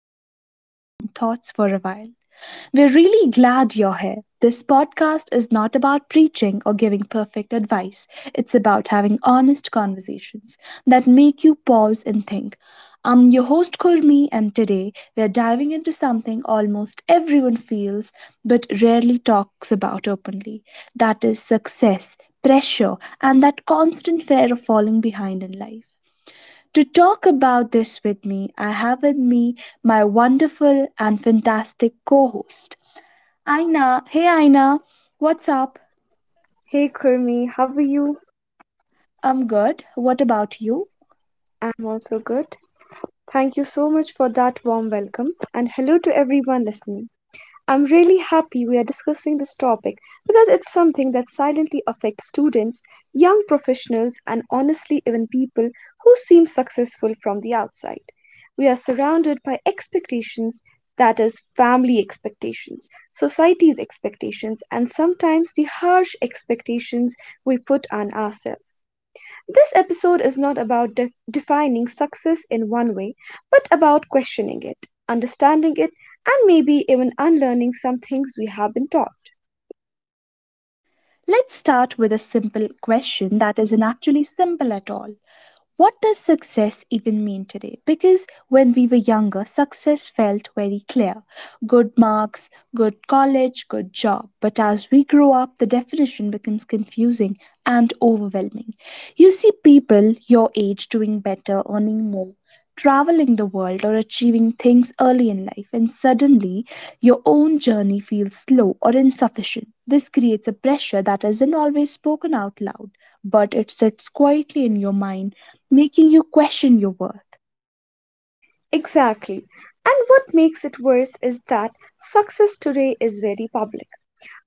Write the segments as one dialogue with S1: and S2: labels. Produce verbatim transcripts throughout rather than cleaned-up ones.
S1: escape your own thoughts for a while, we're really glad you're here. This podcast is not about preaching or giving perfect advice. It's about having honest conversations that make you pause and think. I'm your host Kurmi, and today we're diving into something almost everyone feels but rarely talks about openly, that is, success, pressure, and that constant fear of falling behind in life. To talk about this with me, I have with me my wonderful and fantastic co host. Aina, hey Aina, what's up?
S2: Hey Kurmi, how are you?
S1: I'm good. What about you?
S2: I'm also good. Thank you so much for that warm welcome and hello to everyone listening. I'm really happy we are discussing this topic because it's something that silently affects students, young professionals, and honestly, even people who seem successful from the outside. We are surrounded by expectations, that is, family expectations, society's expectations, and sometimes the harsh expectations we put on ourselves. This episode is not about de- defining success in one way, but about questioning it, understanding it, and maybe even unlearning some things we have been taught.
S1: Let's start with a simple question that isn't actually simple at all. What does success even mean today? Because when we were younger, success felt very clear: good marks, good college, good job. But as we grow up, the definition becomes confusing and overwhelming. You see people your age doing better, earning more, traveling the world, or achieving things early in life, and suddenly your own journey feels slow or insufficient. This creates a pressure that isn't always spoken out loud, but it sits quietly in your mind, making you question your worth.
S2: Exactly. And what makes it worse is that success today is very public.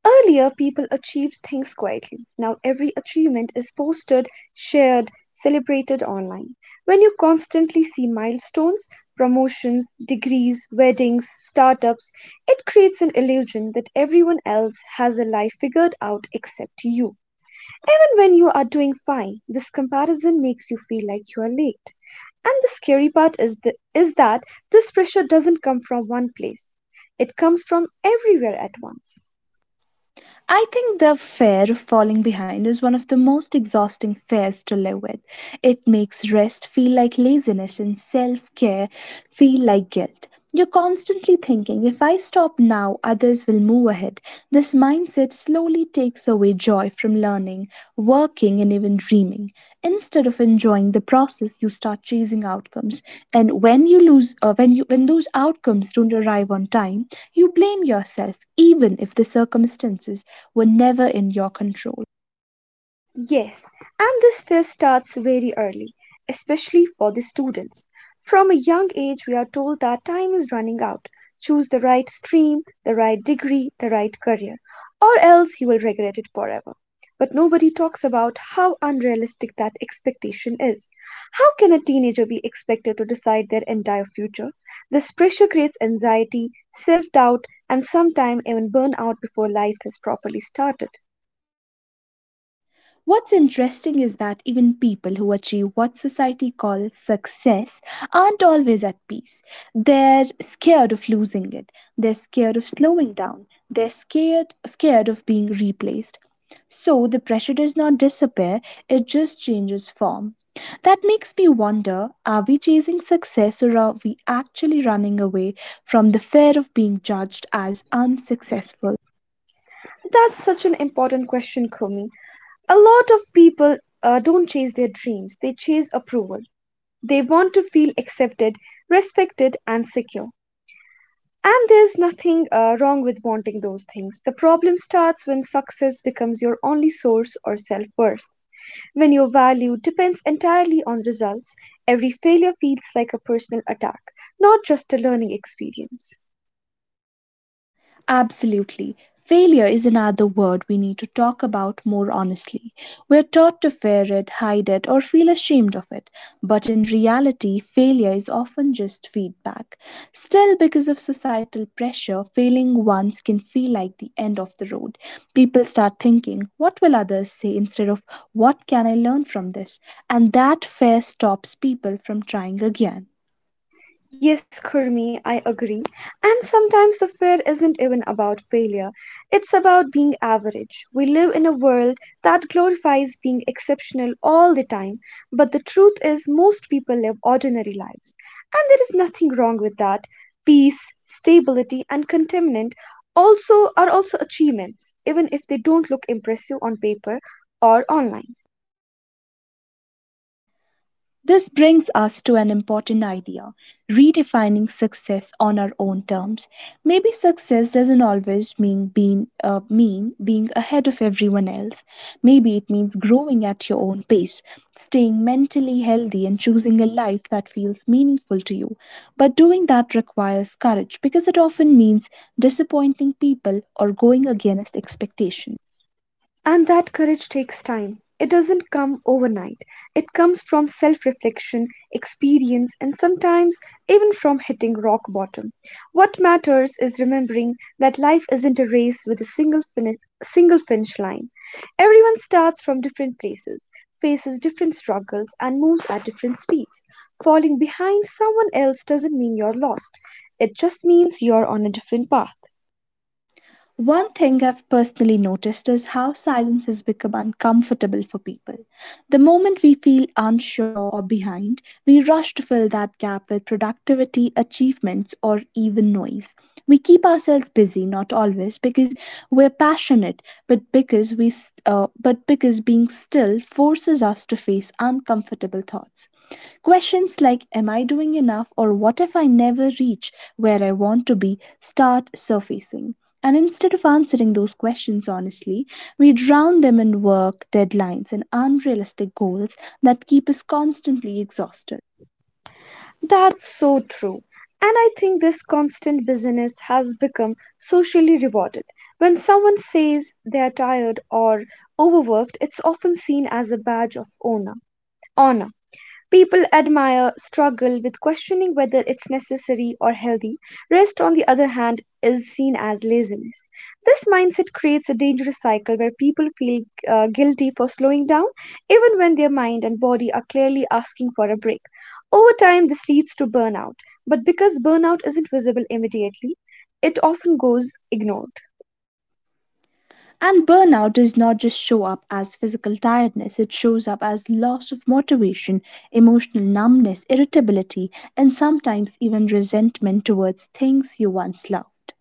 S2: Earlier, people achieved things quietly. Now, every achievement is posted, shared, celebrated online. When you constantly see milestones, promotions, degrees, weddings, startups, it creates an illusion that everyone else has a life figured out except you. Even when you are doing fine, this comparison makes you feel like you are late. And the scary part is, th- is that this pressure doesn't come from one place, it comes from everywhere at once.
S1: I think the fear of falling behind is one of the most exhausting fears to live with. It makes rest feel like laziness and self care feel like guilt. You're constantly thinking, if I stop now, others will move ahead. This mindset slowly takes takes away joy from learning, working, and even dreaming. Instead of enjoying the process, you start chasing outcomes. And when you lose, uh, when you when those outcomes don't arrive on time, you blame yourself, even if the circumstances were never in your control.
S2: Yes, and this fear starts very early, especially for the students. From a young age we are told that time is running out. Choose the right stream, the right degree, the right career, or else you will regret it forever. But nobody talks about how unrealistic that expectation is. How can a teenager be expected to decide their entire future? This pressure creates anxiety, self doubt, and sometimes even burnout before life has properly started.
S1: What's interesting is that even people who achieve what society calls success aren't always at peace. They're scared of losing it. They're scared of slowing down. They're scared scared of being replaced. So the pressure does not disappear, it just changes form. That makes me wonder, are we chasing success or are we actually running away from the fear of being judged as unsuccessful?
S2: That's such an important question, Kumi. A lot of people uh, don't chase their dreams, they chase approval. They want to feel accepted, respected, and secure. And there's nothing uh, wrong with wanting those things. The problem starts when success becomes your only source or self worth. When your value depends entirely on results, every failure feels like a personal attack, not just a learning experience.
S1: Absolutely. Failure is another word we need to talk about more honestly. We're taught to fear it, hide it, or feel ashamed of it. But in reality, failure is often just feedback. Still, because of societal pressure, failing once can feel like the end of the road. People start thinking, what will others say, instead of what can I learn from this? And that fear stops people from trying again.
S2: Yes, Kurmi, I agree. And sometimes the fear isn't even about failure, it's about being average. We live in a world that glorifies being exceptional all the time, but the truth is, most people live ordinary lives. And there is nothing wrong with that. Peace, stability, and contentment also are also achievements, even if they don't look impressive on paper or online.
S1: This brings us to an important idea: redefining success on our own terms. Maybe success doesn't always mean being, uh, mean being ahead of everyone else. Maybe it means growing at your own pace, staying mentally healthy, and choosing a life that feels meaningful to you. But doing that requires courage because it often means disappointing people or going against expectations.
S2: And that courage takes time. It doesn't come overnight. It comes from self reflection, experience, and sometimes even from hitting rock bottom. What matters is remembering that life isn't a race with a single, fini- single finish line. Everyone starts from different places, faces different struggles, and moves at different speeds. Falling behind someone else doesn't mean you're lost, it just means you're on a different path.
S1: One thing I've personally noticed is how silence has become uncomfortable for people. The moment we feel unsure or behind, we rush to fill that gap with productivity, achievements, or even noise. We keep ourselves busy, not always because we're passionate, but because we, s- uh, but because being still forces us to face uncomfortable thoughts. Questions like, am I doing enough, or what if I never reach where I want to be, start surfacing. And instead of answering those questions honestly, we drown them in work, deadlines, and unrealistic goals that keep us constantly exhausted.
S2: That's so true. And I think this constant busyness has become socially rewarded. When someone says they are tired or overworked, it's often seen as a badge of honor. honor. People admire struggle with questioning whether it's necessary or healthy. Rest, on the other hand, is seen as laziness. This mindset creates a dangerous cycle where people feel uh, guilty for slowing down, even when their mind and body are clearly asking for a break. Over time, this leads to burnout, but because burnout isn't visible immediately, it often goes ignored.
S1: And burnout does not just show up as physical tiredness, it shows up as loss of motivation, emotional numbness, irritability, and sometimes even resentment towards things you once loved.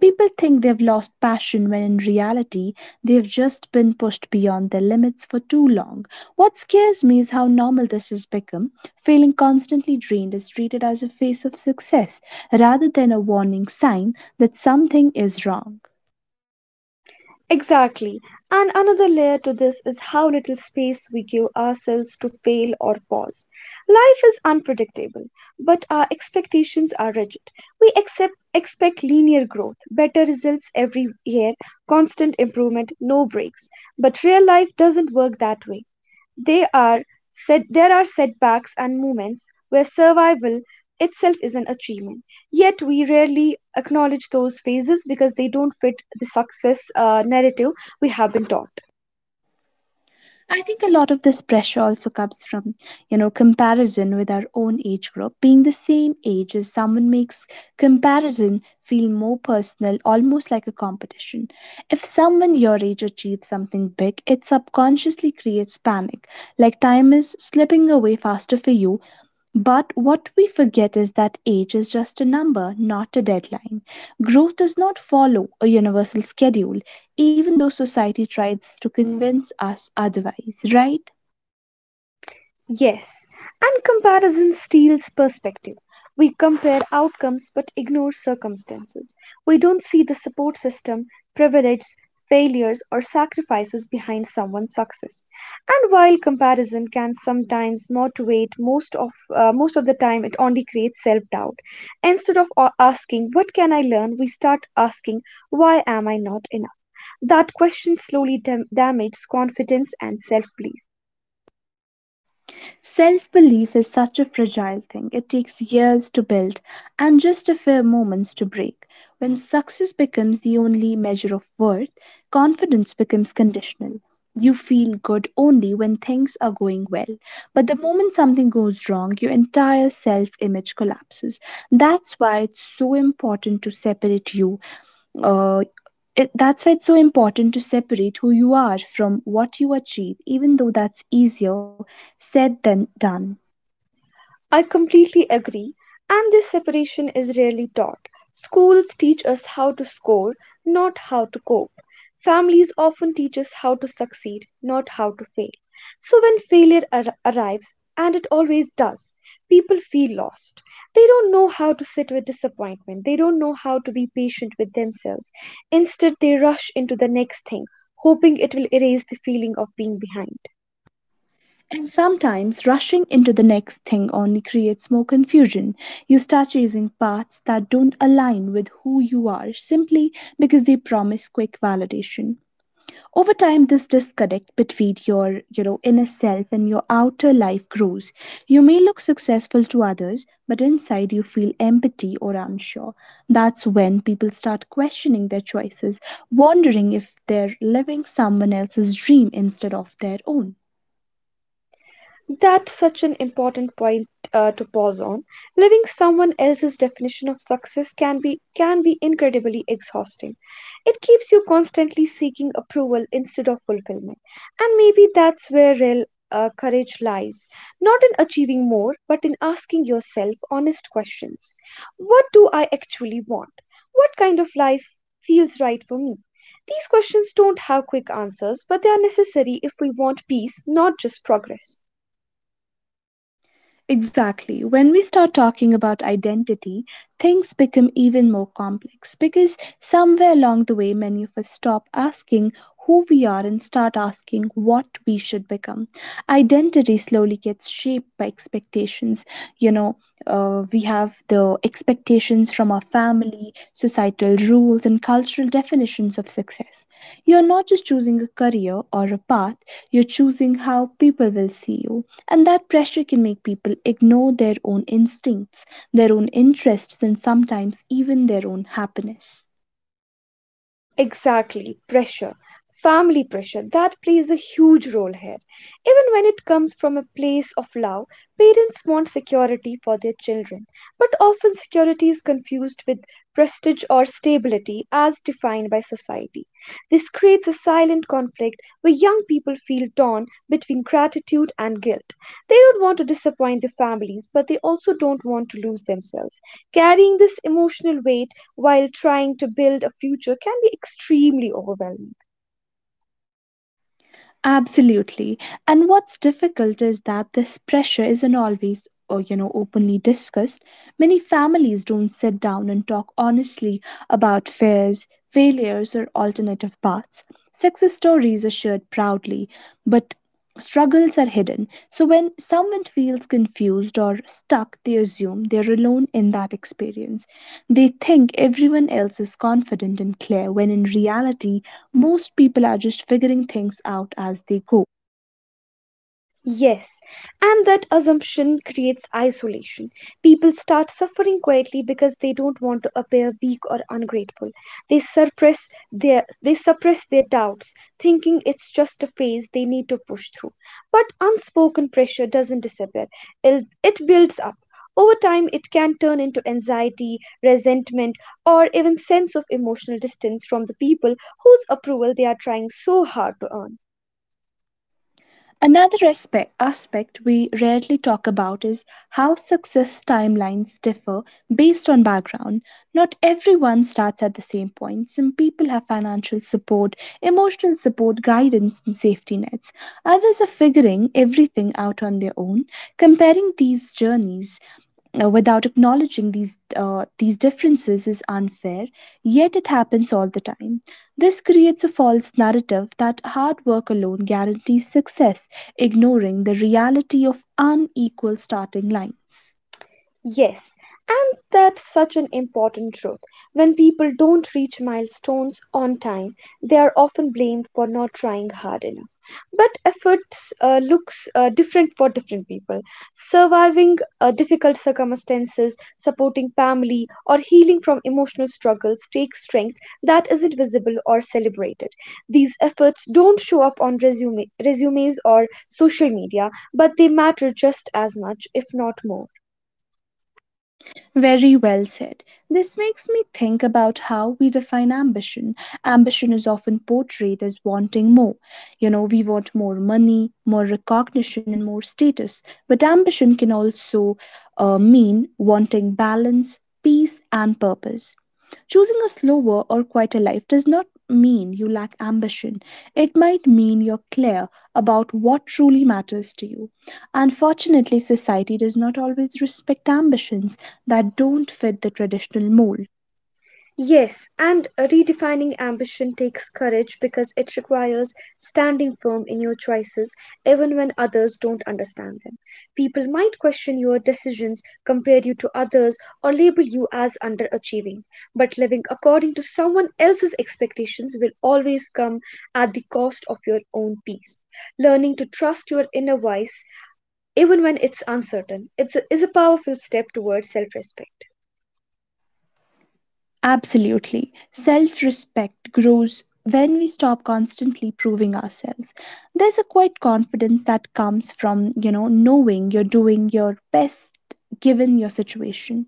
S1: People think they've lost passion when in reality, they've just been pushed beyond their limits for too long. What scares me is how normal this has become. Feeling constantly drained is treated as a phase of success rather than a warning sign that something is wrong.
S2: Exactly. And another layer to this is how little space we give ourselves to fail or pause. Life is unpredictable, but our expectations are rigid. We accept, expect linear growth, better results every year, constant improvement, no breaks. But real life doesn't work that way. They are set, there are setbacks and moments where survival itself is an achievement. Yet we rarely acknowledge those phases because they don't fit the success uh, narrative we have been taught.
S1: I think a lot of this pressure also comes from, you know, comparison with our own age group. Being the same age as someone makes comparison feel more personal, almost like a competition. If someone your age achieves something big, it subconsciously creates panic, like time is slipping away faster for you. But what we forget is that age is just a number, not a deadline. Growth does not follow a universal schedule, even though society tries to convince us otherwise, right?
S2: Yes, and comparison steals perspective. We compare outcomes but ignore circumstances. We don't see the support system, privileges, failures, or sacrifices behind someone's success. And while comparison can sometimes motivate, most of uh, most of the time it only creates self-doubt. Instead of a- asking what can I learn, we start asking why am I not enough. That question slowly dam- damages confidence and self-belief.
S1: Self belief is such a fragile thing. It takes years to build and just a few moments to break. When success becomes the only measure of worth, confidence becomes conditional. You feel good only when things are going well. But the moment something goes wrong, your entire self image collapses. That's why it's so important to separate you uh, it, that's why it's so important to separate who you are from what you achieve, even though that's easier said than done.
S2: I completely agree, and this separation is rarely taught. Schools teach us how to score, not how to cope. Families often teach us how to succeed, not how to fail. So when failure ar- arrives, and it always does, people feel lost. They don't know how to sit with disappointment, they don't know how to be patient with themselves. Instead, they rush into the next thing, hoping it will erase the feeling of being behind.
S1: And sometimes rushing into the next thing only creates more confusion. You start chasing paths that don't align with who you are simply because they promise quick validation. Over time, this disconnect between your, you know, inner self and your outer life grows. You may look successful to others, but inside you feel empty or unsure. That's when people start questioning their choices, wondering if they're living someone else's dream instead of their own.
S2: That's such an important point uh, to pause on. Living someone else's definition of success can be can be incredibly exhausting. It keeps you constantly seeking approval instead of fulfillment. And maybe that's where real uh, courage lies, not in achieving more, but in asking yourself honest questions. What do I actually want? What kind of life feels right for me? These questions don't have quick answers, but they are necessary if we want peace, not just progress.
S1: Exactly. When we start talking about identity, things become even more complex because somewhere along the way, many of us stop asking who we are and start asking what we should become. Identity slowly gets shaped by expectations. You know, uh, we have the expectations from our family, societal rules, and cultural definitions of success. You're not just choosing a career or a path, you're choosing how people will see you. And that pressure can make people ignore their own instincts, their own interests, and sometimes even their own happiness.
S2: Exactly, pressure, family pressure, that plays a huge role here. Even when it comes from a place of love, parents want security for their children. But often security is confused with prestige or stability as defined by society. This creates a silent conflict where young people feel torn between gratitude and guilt. They don't want to disappoint their families, but they also don't want to lose themselves. Carrying this emotional weight, while trying to build a future can be extremely overwhelming.
S1: Absolutely. And what's difficult is that this pressure isn't always or, you know openly discussed. Many families don't sit down and talk honestly about fears, failures, or alternative paths. Success stories are shared proudly, but struggles are hidden. So when someone feels confused or stuck, they assume they're alone in that experience. They think everyone else is confident and clear, when in reality, most people are just figuring things out as they go.
S2: Yes, and that assumption creates isolation. People start suffering quietly because they don't want to appear weak or ungrateful. They suppress their they suppress their doubts, thinking it's just a phase they need to push through. But unspoken pressure doesn't disappear. It, it builds up. Over time it can turn into anxiety, resentment, or even sense of emotional distance from the people whose approval they are trying so hard to earn.
S1: Another aspect, aspect we rarely talk about is how success timelines differ based on background. Not everyone starts at the same point. Some people have financial support, emotional support, guidance, and safety nets. Others are figuring everything out on their own. Comparing these journeys uh, without acknowledging these uh, these differences is unfair, yet it happens all the time. This creates a false narrative that hard work alone guarantees success, ignoring the reality of unequal starting lines.
S2: Yes, and that's such an important truth. When people don't reach milestones on time, they are often blamed for not trying hard enough. But efforts uh, looks uh, different for different people. Surviving uh, difficult circumstances, supporting family, or healing from emotional struggles takes strength that isn't visible or celebrated. These efforts don't show up on resume, resumes or social media, but they matter just as much, if not more.
S1: Very well said. This makes me think about how we define ambition. Ambition is often portrayed as wanting more. You know, we want more money, more recognition, and more status. But ambition can also uh, mean wanting balance, peace, and purpose. Choosing a slower or quieter life does not mean you lack ambition. It might mean you're clear about what truly matters to you. Unfortunately, society does not always respect ambitions that don't fit the traditional mold.
S2: Yes, and redefining ambition takes courage because it requires standing firm in your choices even when others don't understand them. People might question your decisions, compare you to others, or label you as underachieving. But living according to someone else's expectations will always come at the cost of your own peace. Learning to trust your inner voice, even when it's uncertain, it's a, is a powerful step towards self respect.
S1: Absolutely. Self respect grows when we stop constantly proving ourselves. There's a quiet confidence that comes from, you know, knowing you're doing your best given your situation.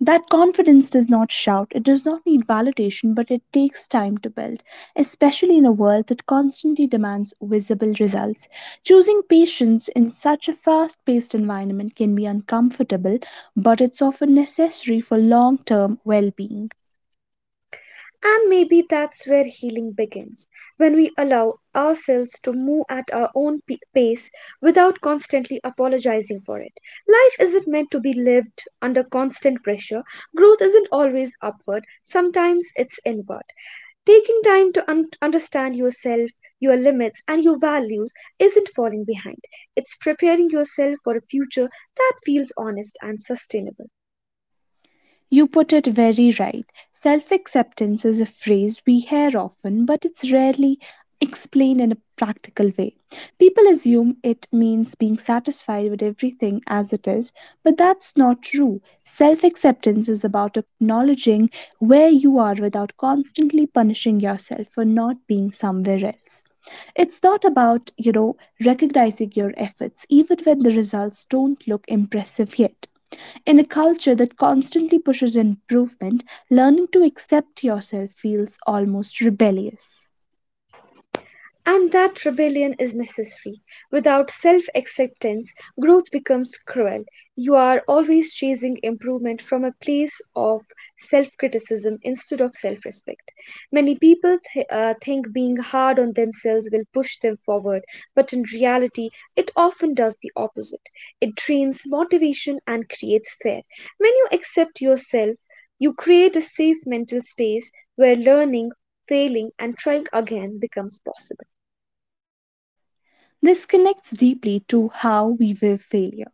S1: That confidence does not shout, it does not need validation, but it takes time to build, especially in a world that constantly demands visible results. Choosing patience in such a fast paced environment can be uncomfortable, but it's often necessary for long term well being.
S2: And maybe that's where healing begins, when we allow ourselves to move at our own p- pace without constantly apologizing for it. Life isn't meant to be lived under constant pressure, growth isn't always upward, sometimes it's inward. Taking time to un- understand yourself, your limits, and your values isn't falling behind. It's preparing yourself for a future that feels honest and sustainable.
S1: You put it very right. Self acceptance is a phrase we hear often, but it's rarely explained in a practical way. People assume it means being satisfied with everything as it is, but that's not true. Self acceptance is about acknowledging where you are without constantly punishing yourself for not being somewhere else. It's not about, you know, recognizing your efforts, even when the results don't look impressive yet. In a culture that constantly pushes improvement, learning to accept yourself feels almost rebellious.
S2: And that rebellion is necessary. Without self acceptance, growth becomes cruel. You are always chasing improvement from a place of self criticism instead of self respect. Many people th- uh, think being hard on themselves will push them forward, but in reality, it often does the opposite. It drains motivation and creates fear. When you accept yourself, you create a safe mental space where learning, failing, and trying again becomes possible.
S1: This connects deeply to how we view failure.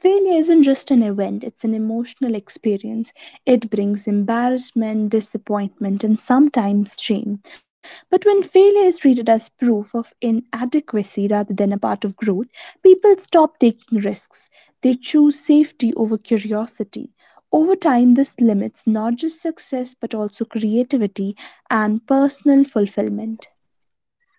S1: Failure isn't just an event, it's an emotional experience. It brings embarrassment, disappointment, and sometimes shame. But when failure is treated as proof of inadequacy rather than a part of growth, people stop taking risks. They choose safety over curiosity. Over time, this limits not just success but also creativity and personal fulfillment.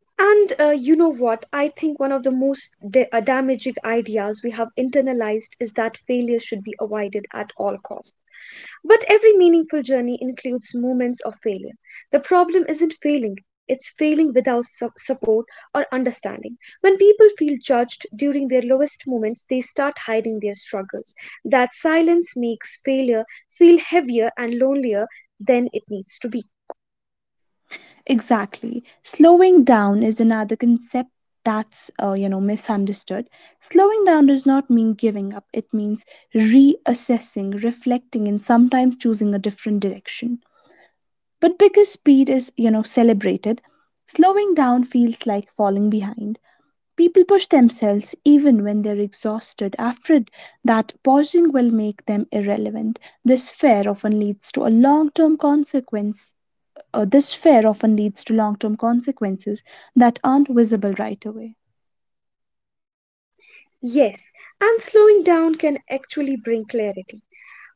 S2: And uh, You know what? I think one of the most da- uh, damaging ideas we have internalized is that failure should be avoided at all costs. But every meaningful journey includes moments of failure. The problem isn't failing, it's failing without su- support or understanding. When people feel judged during their lowest moments, they start hiding their struggles. That silence makes failure feel heavier and lonelier than it needs to be.
S1: Exactly. Slowing down is another concept that's uh, you know, misunderstood. Slowing down does not mean giving up. It means reassessing, reflecting, and sometimes choosing a different direction. But because speed is, you know, celebrated, slowing down feels like falling behind. People push themselves even when they're exhausted, afraid that pausing will make them irrelevant. This fear often leads to a long term consequence uh, this fear often leads to long term consequences that aren't visible right away.
S2: Yes, and slowing down can actually bring clarity.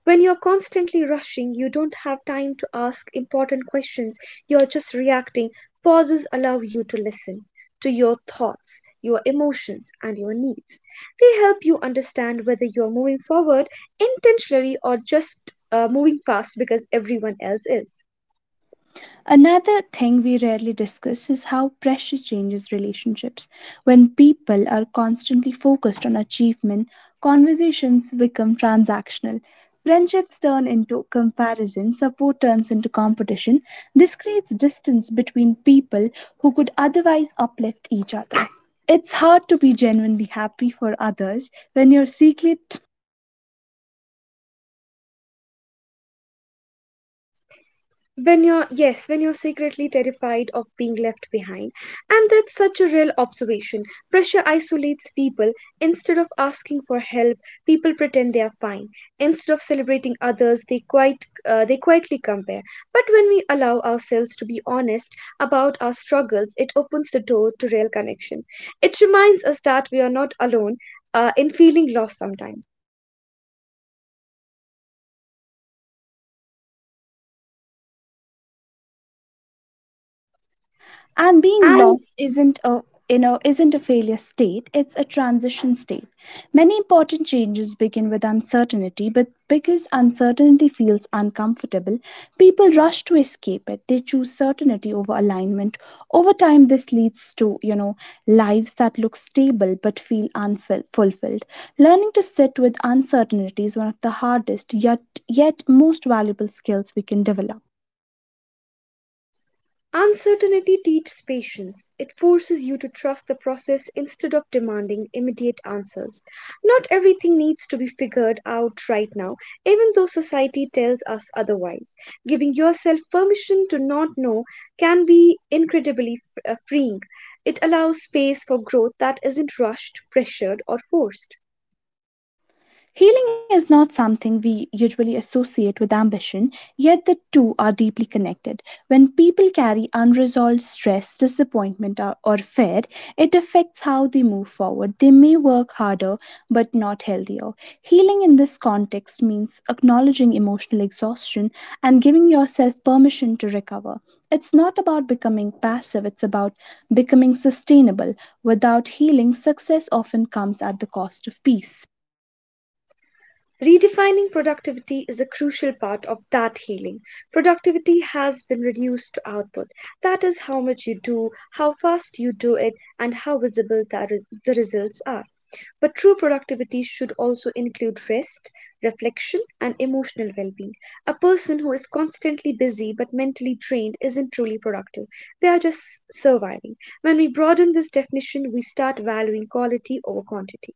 S2: When you're constantly rushing, you don't have time to ask important questions, you're just reacting. Pauses allow you to listen to your thoughts, your emotions, and your needs. They help you understand whether you're moving forward intentionally or just uh, moving fast because everyone else is.
S1: Another thing we rarely discuss is how pressure changes relationships. When people are constantly focused on achievement, conversations become transactional. Friendships turn into comparison, support turns into competition. This creates distance between people who could otherwise uplift each other. It's hard to be genuinely happy for others when your secret
S2: When you're yes, when you're secretly terrified of being left behind, and that's such a real observation. Pressure isolates people. Instead of asking for help, people pretend they are fine. Instead of celebrating others, they quite uh, they quietly compare. But when we allow ourselves to be honest about our struggles, it opens the door to real connection. It reminds us that we are not alone, uh, in feeling lost sometimes.
S1: and being
S2: And
S1: lost isn't a you know isn't a failure state, it's a transition state. Many important changes begin with uncertainty, but because uncertainty feels uncomfortable, people rush to escape it. They choose certainty over alignment. Over time, this leads to you know lives that look stable but feel unfulfilled. Learning to sit with uncertainty is one of the hardest yet yet most valuable skills we can develop.
S2: Uncertainty teaches patience. It forces you to trust the process instead of demanding immediate answers. Not everything needs to be figured out right now, even though society tells us otherwise. Giving yourself permission to not know can be incredibly f- uh, freeing. It allows space for growth that isn't rushed, pressured, or forced.
S1: Healing is not something we usually associate with ambition, yet the two are deeply connected. When people carry unresolved stress, disappointment, or, or fear, it affects how they move forward. They may work harder, but not healthier. Healing in this context means acknowledging emotional exhaustion and giving yourself permission to recover. It's not about becoming passive, it's about becoming sustainable. Without healing, success often comes at the cost of peace.
S2: Redefining productivity is a crucial part of that healing. Productivity has been reduced to output. That is how much you do, how fast you do it, and how visible the, the results are. But true productivity should also include rest, reflection, and emotional well being. A person who is constantly busy but mentally drained isn't truly productive. They are just surviving. When we broaden this definition, we start valuing quality over quantity.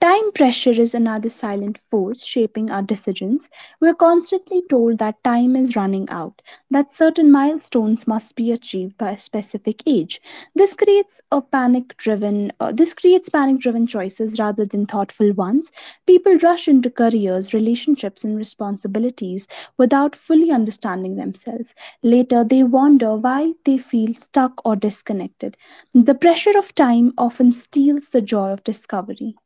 S1: Time pressure is another silent force shaping our decisions. We're constantly told that time is running out, that certain milestones must be achieved by a specific age. This creates a panic-driven uh, this creates panic-driven choices rather than thoughtful ones. People rush into careers, relationships and responsibilities without fully understanding themselves. Later, they wonder why they feel stuck or disconnected. The pressure of time often steals the joy of discovery.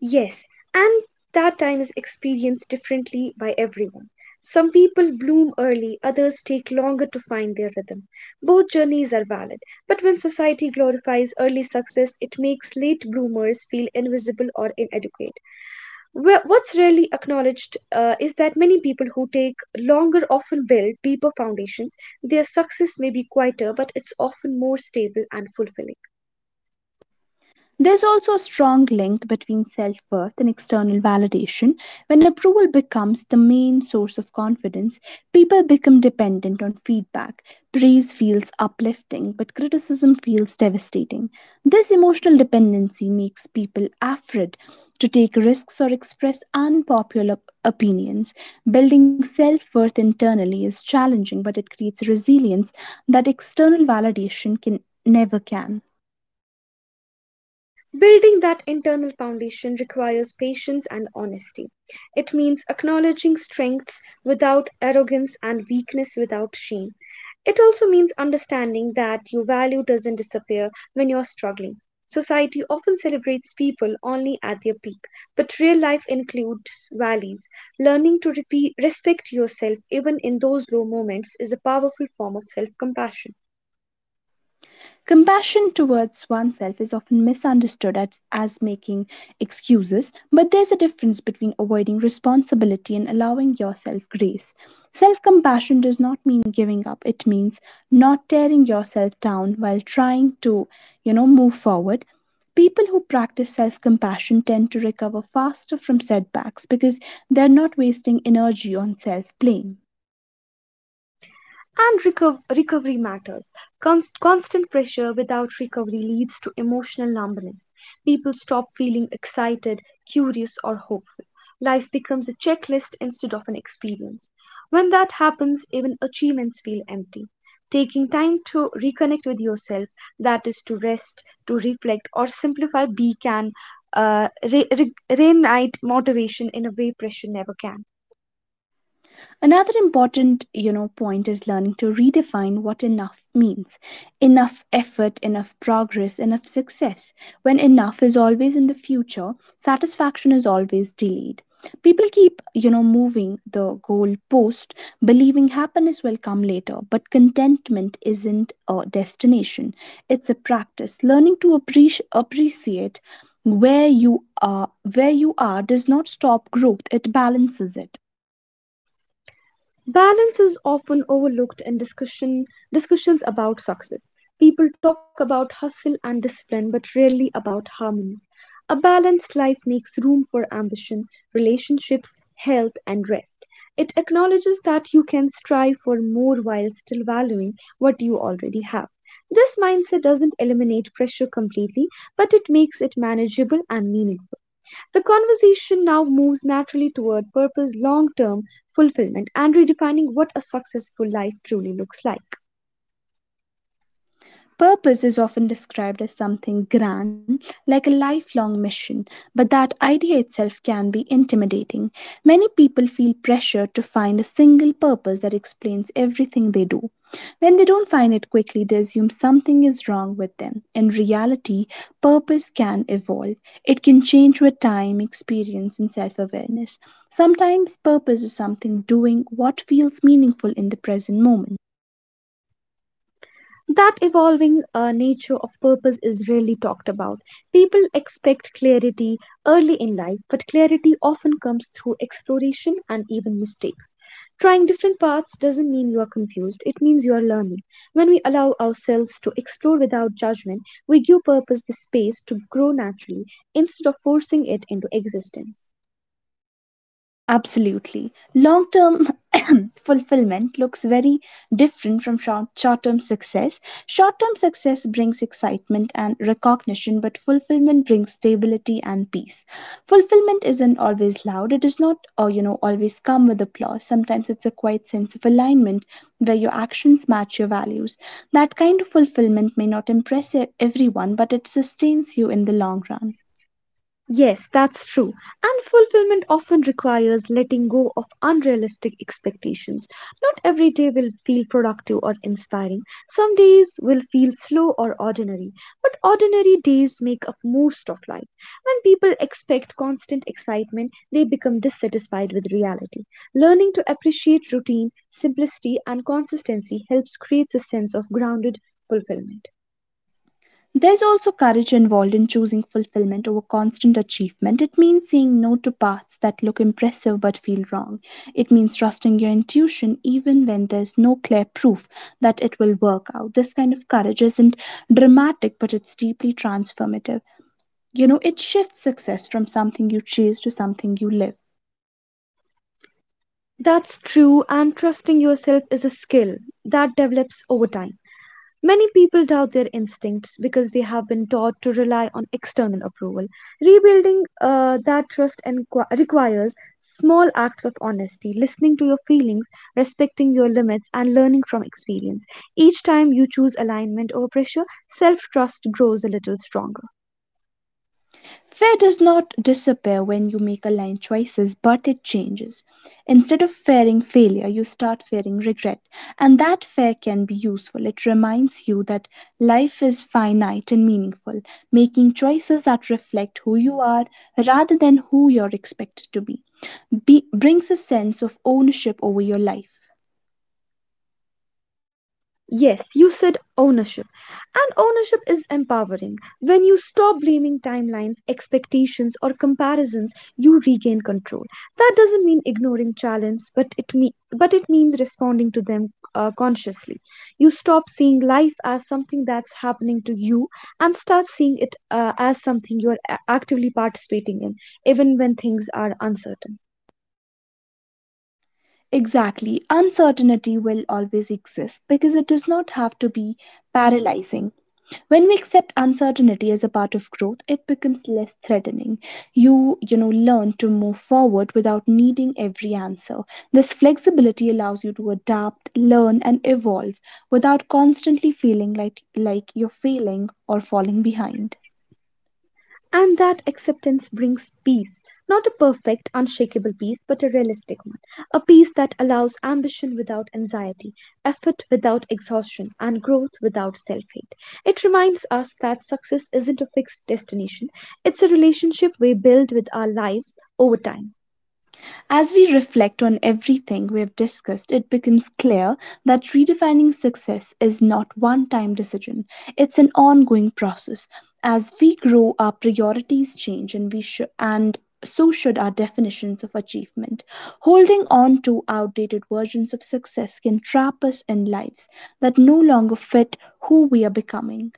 S2: Yes, and that time is experienced differently by everyone. Some people bloom early, others take longer to find their rhythm. Both journeys are valid, but when society glorifies early success, it makes late bloomers feel invisible or inadequate. Wh- What's rarely acknowledged uh, is that many people who take longer often build deeper foundations. Their success may be quieter, but it's often more stable and fulfilling.
S1: There's also a strong link between self worth and external validation. When approval becomes the main source of confidence, people become dependent on feedback. Praise feels uplifting, but criticism feels devastating. This emotional dependency makes people afraid to take risks or express unpopular opinions. Building self worth internally is challenging, but it creates resilience that external validation can never can.
S2: Building that internal foundation requires patience and honesty. It means acknowledging strengths without arrogance and weakness without shame. It also means understanding that your value doesn't disappear when you're struggling. Society often celebrates people only at their peak, but real life includes valleys. Learning to repe- respect yourself even in those low moments is a powerful form of self compassion.
S1: Compassion towards oneself is often misunderstood as, as making excuses, but there's a difference between avoiding responsibility and allowing yourself grace. Self compassion does not mean giving up, it means not tearing yourself down while trying to, you know, move forward. People who practice self compassion tend to recover faster from setbacks because they're not wasting energy on self blame.
S2: And reco- recovery matters. Cons- constant pressure without recovery leads to emotional numbness. People stop feeling excited, curious, or hopeful. Life becomes a checklist instead of an experience. When that happens, even achievements feel empty. Taking time to reconnect with yourself, that is, to rest, to reflect, or simplify, be can uh, re- re- reignite motivation in a way pressure never can.
S1: Another important, you know, point is learning to redefine what enough means. Enough effort, enough progress, enough success. When enough is always in the future, satisfaction is always delayed. People keep, you know, moving the goalpost, believing happiness will come later, but contentment isn't a destination. It's a practice. Learning to appreci- appreciate where you are where you are does not stop growth, it balances it.
S2: Balance is often overlooked in discussion discussions about success. People talk about hustle and discipline but rarely about harmony. A balanced life makes room for ambition, relationships, health and rest. It acknowledges that you can strive for more while still valuing what you already have. This mindset doesn't eliminate pressure completely, but it makes it manageable and meaningful. The conversation now moves naturally toward purpose, long term fulfillment, and redefining what a successful life truly looks like.
S1: Purpose is often described as something grand, like a lifelong mission, but that idea itself can be intimidating. Many people feel pressure to find a single purpose that explains everything they do. When they don't find it quickly, they assume something is wrong with them. In reality, purpose can evolve. It can change with time, experience, and self awareness. Sometimes purpose is something doing what feels meaningful in the present moment.
S2: That evolving uh, nature of purpose is rarely talked about. People expect clarity early in life, but clarity often comes through exploration and even mistakes. Trying different paths doesn't mean you are confused, it means you are learning. When we allow ourselves to explore without judgment, we give purpose the space to grow naturally instead of forcing it into existence.
S1: Absolutely. Long term fulfillment looks very different from short term success. Short term success brings excitement and recognition, but fulfillment brings stability and peace. Fulfillment isn't always loud, it does not, uh, you know, always come with applause. Sometimes it's a quiet sense of alignment where your actions match your values. That kind of fulfillment may not impress e- everyone, but it sustains you in the long run.
S2: Yes, that's true. And fulfillment often requires letting go of unrealistic expectations. Not every day will feel productive or inspiring. Some days will feel slow or ordinary. But ordinary days make up most of life. When people expect constant excitement, they become dissatisfied with reality. Learning to appreciate routine, simplicity, and consistency helps create a sense of grounded fulfillment.
S1: There's also courage involved in choosing fulfillment over constant achievement. It means saying no to paths that look impressive but feel wrong. It means trusting your intuition even when there's no clear proof that it will work out. This kind of courage isn't dramatic, but it's deeply transformative. You know, it shifts success from something you chase to something you live.
S2: That's true, and trusting yourself is a skill that develops over time. Many people doubt their instincts because they have been taught to rely on external approval. Rebuilding uh, that trust inqu- requires small acts of honesty, listening to your feelings, respecting your limits, and learning from experience. Each time you choose alignment over pressure, self trust grows a little stronger.
S1: Fear does not disappear when you make aligned choices, but it changes. Instead of fearing failure, you start fearing regret, and that fear can be useful. It reminds you that life is finite and meaningful, making choices that reflect who you are rather than who you're expected to be be, brings a sense of ownership over your life.
S2: Yes, you said ownership. And ownership is empowering. When you stop blaming timelines, expectations, or comparisons, you regain control. That doesn't mean ignoring challenges, but it me- but it means responding to them uh, consciously. You stop seeing life as something that's happening to you and start seeing it uh, as something you are a- actively participating in, even when things are uncertain.
S1: Exactly, uncertainty will always exist because it does not have to be paralyzing. When we accept uncertainty as a part of growth, it becomes less threatening. You you know learn to move forward without needing every answer. This flexibility allows you to adapt, learn and evolve without constantly feeling like like you're failing or falling behind.
S2: And that acceptance brings peace, not a perfect, unshakable peace, but a realistic one. A peace that allows ambition without anxiety, effort without exhaustion, and growth without self hate. It reminds us that success isn't a fixed destination, it's a relationship we build with our lives over time.
S1: As we reflect on everything we have discussed, it becomes clear that redefining success is not one time decision, it's an ongoing process. As we grow, our priorities change and we should and so should our definitions of achievement. Holding on to outdated versions of success can trap us in lives that no longer fit who we are becoming.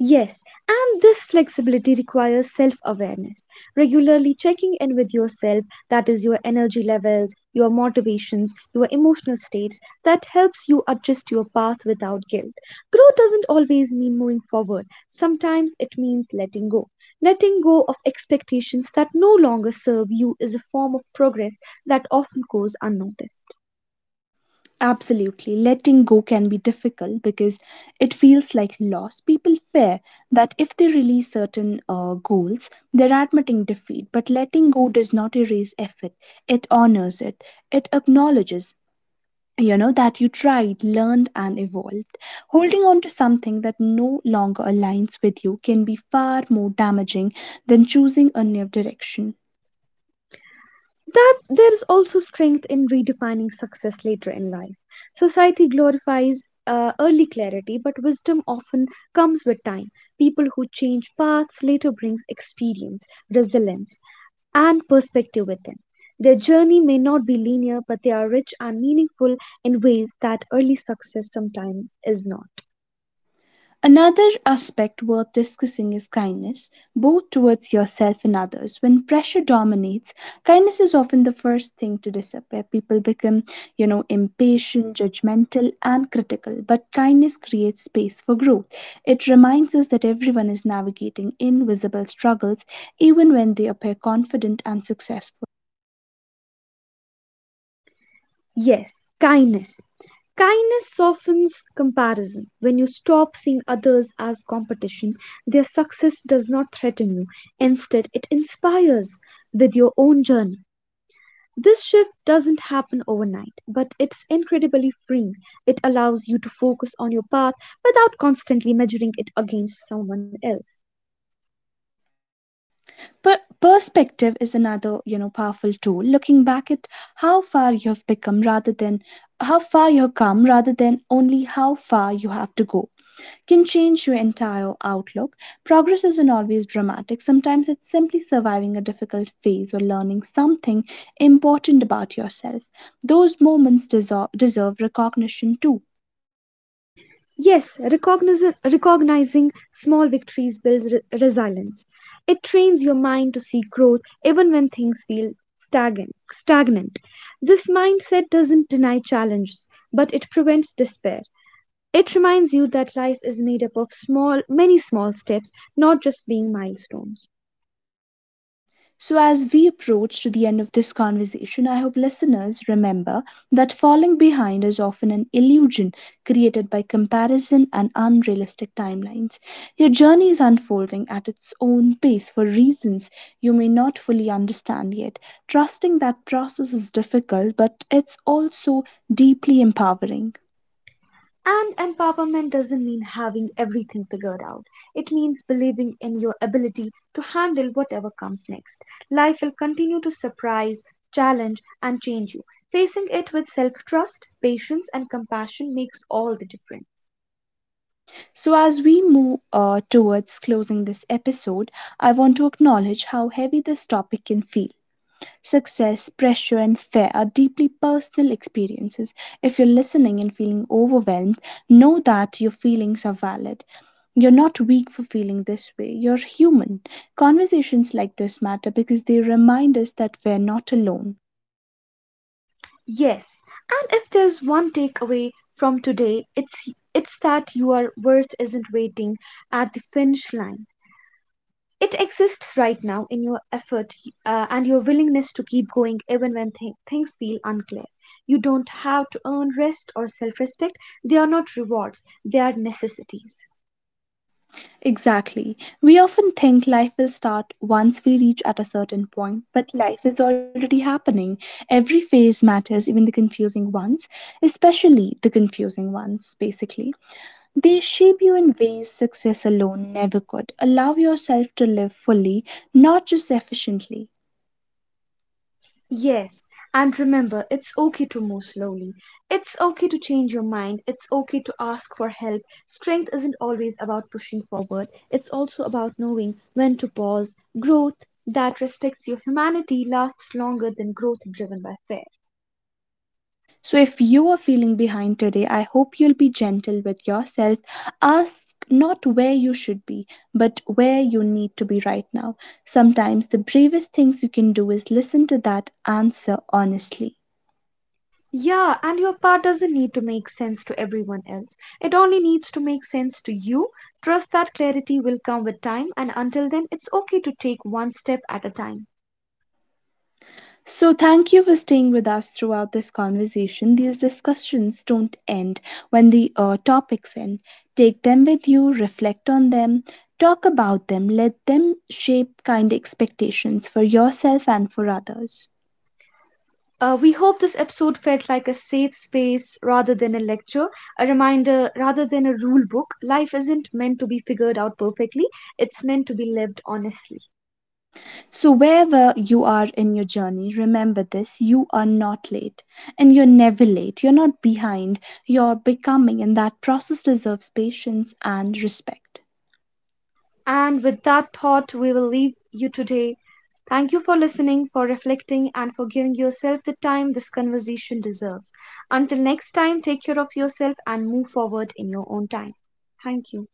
S2: Yes, and this flexibility requires self awareness, regularly checking in with yourself that is, your energy levels, your motivations, your emotional states that helps you adjust your path without guilt. Growth doesn't always mean moving forward, sometimes it means letting go. Letting go of expectations that no longer serve you is a form of progress that often goes unnoticed.
S1: Absolutely. Letting go can be difficult because it feels like loss. People fear that if they release certain uh, goals, they're admitting defeat. But letting go does not erase effort, it honors it, it acknowledges. You know, that you tried, learned, and evolved. Holding on to something that no longer aligns with you can be far more damaging than choosing a new direction.
S2: That there is also strength in redefining success later in life. Society glorifies uh, early clarity, but wisdom often comes with time. People who change paths later brings experience, resilience, and perspective with them. Their journey may not be linear, but they are rich and meaningful in ways that early success sometimes is not.
S1: Another aspect worth discussing is kindness, both towards yourself and others. When pressure dominates, kindness is often the first thing to disappear. People become, you know, impatient, judgmental, and critical. But kindness creates space for growth. It reminds us that everyone is navigating invisible struggles, even when they appear confident and successful.
S2: Yes, kindness. Kindness softens comparison. When you stop seeing others as competition, their success does not threaten you. Instead, it inspires with your own journey. This shift doesn't happen overnight, but it's incredibly freeing. It allows you to focus on your path without constantly measuring it against someone else.
S1: But perspective is another, you know, powerful tool. Looking back at how far you have become rather than how far you have come rather than only how far you have to go can change your entire outlook. Progress isn't always dramatic. Sometimes it's simply surviving a difficult phase or learning something important about yourself. Those moments deserve, deserve recognition too.
S2: Yes, recogniz- recognizing small victories builds re- resilience. It trains your mind to see growth even when things feel stagnant. stagnant. This mindset doesn't deny challenges, but it prevents despair. It reminds you that life is made up of small, many small steps, not just being milestones.
S1: So, as we approach to the end of this conversation, I hope listeners remember that falling behind is often an illusion created by comparison and unrealistic timelines. Your journey is unfolding at its own pace for reasons you may not fully understand yet. Trusting that process is difficult, but it's also deeply empowering.
S2: And empowerment doesn't mean having everything figured out. It means believing in your ability to handle whatever comes next. Life will continue to surprise, challenge, and change you. Facing it with self trust, patience, and compassion makes all the difference.
S1: So, as we move uh, towards closing this episode, I want to acknowledge how heavy this topic can feel. Success, pressure, and fear are deeply personal experiences. If you're listening and feeling overwhelmed, know that your feelings are valid. You're not weak for feeling this way. You're human. Conversations like this matter because they remind us that we're not alone.
S2: Yes, and if there's one takeaway from today, it's, it's that your worth isn't waiting at the finish line. It exists right now in your effort uh, and your willingness to keep going even when th- things feel unclear. You don't have to earn rest or self respect. They are not rewards, they are necessities.
S1: Exactly. We often think life will start once we reach at a certain point, but life is already happening. Every phase matters, even the confusing ones, especially the confusing ones, basically. They shape you in ways success alone never could. Allow yourself to live fully, not just efficiently.
S2: Yes, and remember, it's okay to move slowly. It's okay to change your mind. It's okay to ask for help. Strength isn't always about pushing forward, it's also about knowing when to pause. Growth that respects your humanity lasts longer than growth driven by fear.
S1: So, if you are feeling behind today, I hope you'll be gentle with yourself. Ask not where you should be, but where you need to be right now. Sometimes the bravest things you can do is listen to that answer honestly.
S2: Yeah, and your part doesn't need to make sense to everyone else. It only needs to make sense to you. Trust that clarity will come with time, and until then, it's okay to take one step at a time.
S1: So, thank you for staying with us throughout this conversation. These discussions don't end when the uh, topics end. Take them with you, reflect on them, talk about them, let them shape kind expectations for yourself and for others.
S2: Uh, we hope this episode felt like a safe space rather than a lecture, a reminder rather than a rule book. Life isn't meant to be figured out perfectly, it's meant to be lived honestly.
S1: So, wherever you are in your journey, remember this you are not late and you're never late. You're not behind, you're becoming, and that process deserves patience and respect.
S2: And with that thought, we will leave you today. Thank you for listening, for reflecting, and for giving yourself the time this conversation deserves. Until next time, take care of yourself and move forward in your own time. Thank you.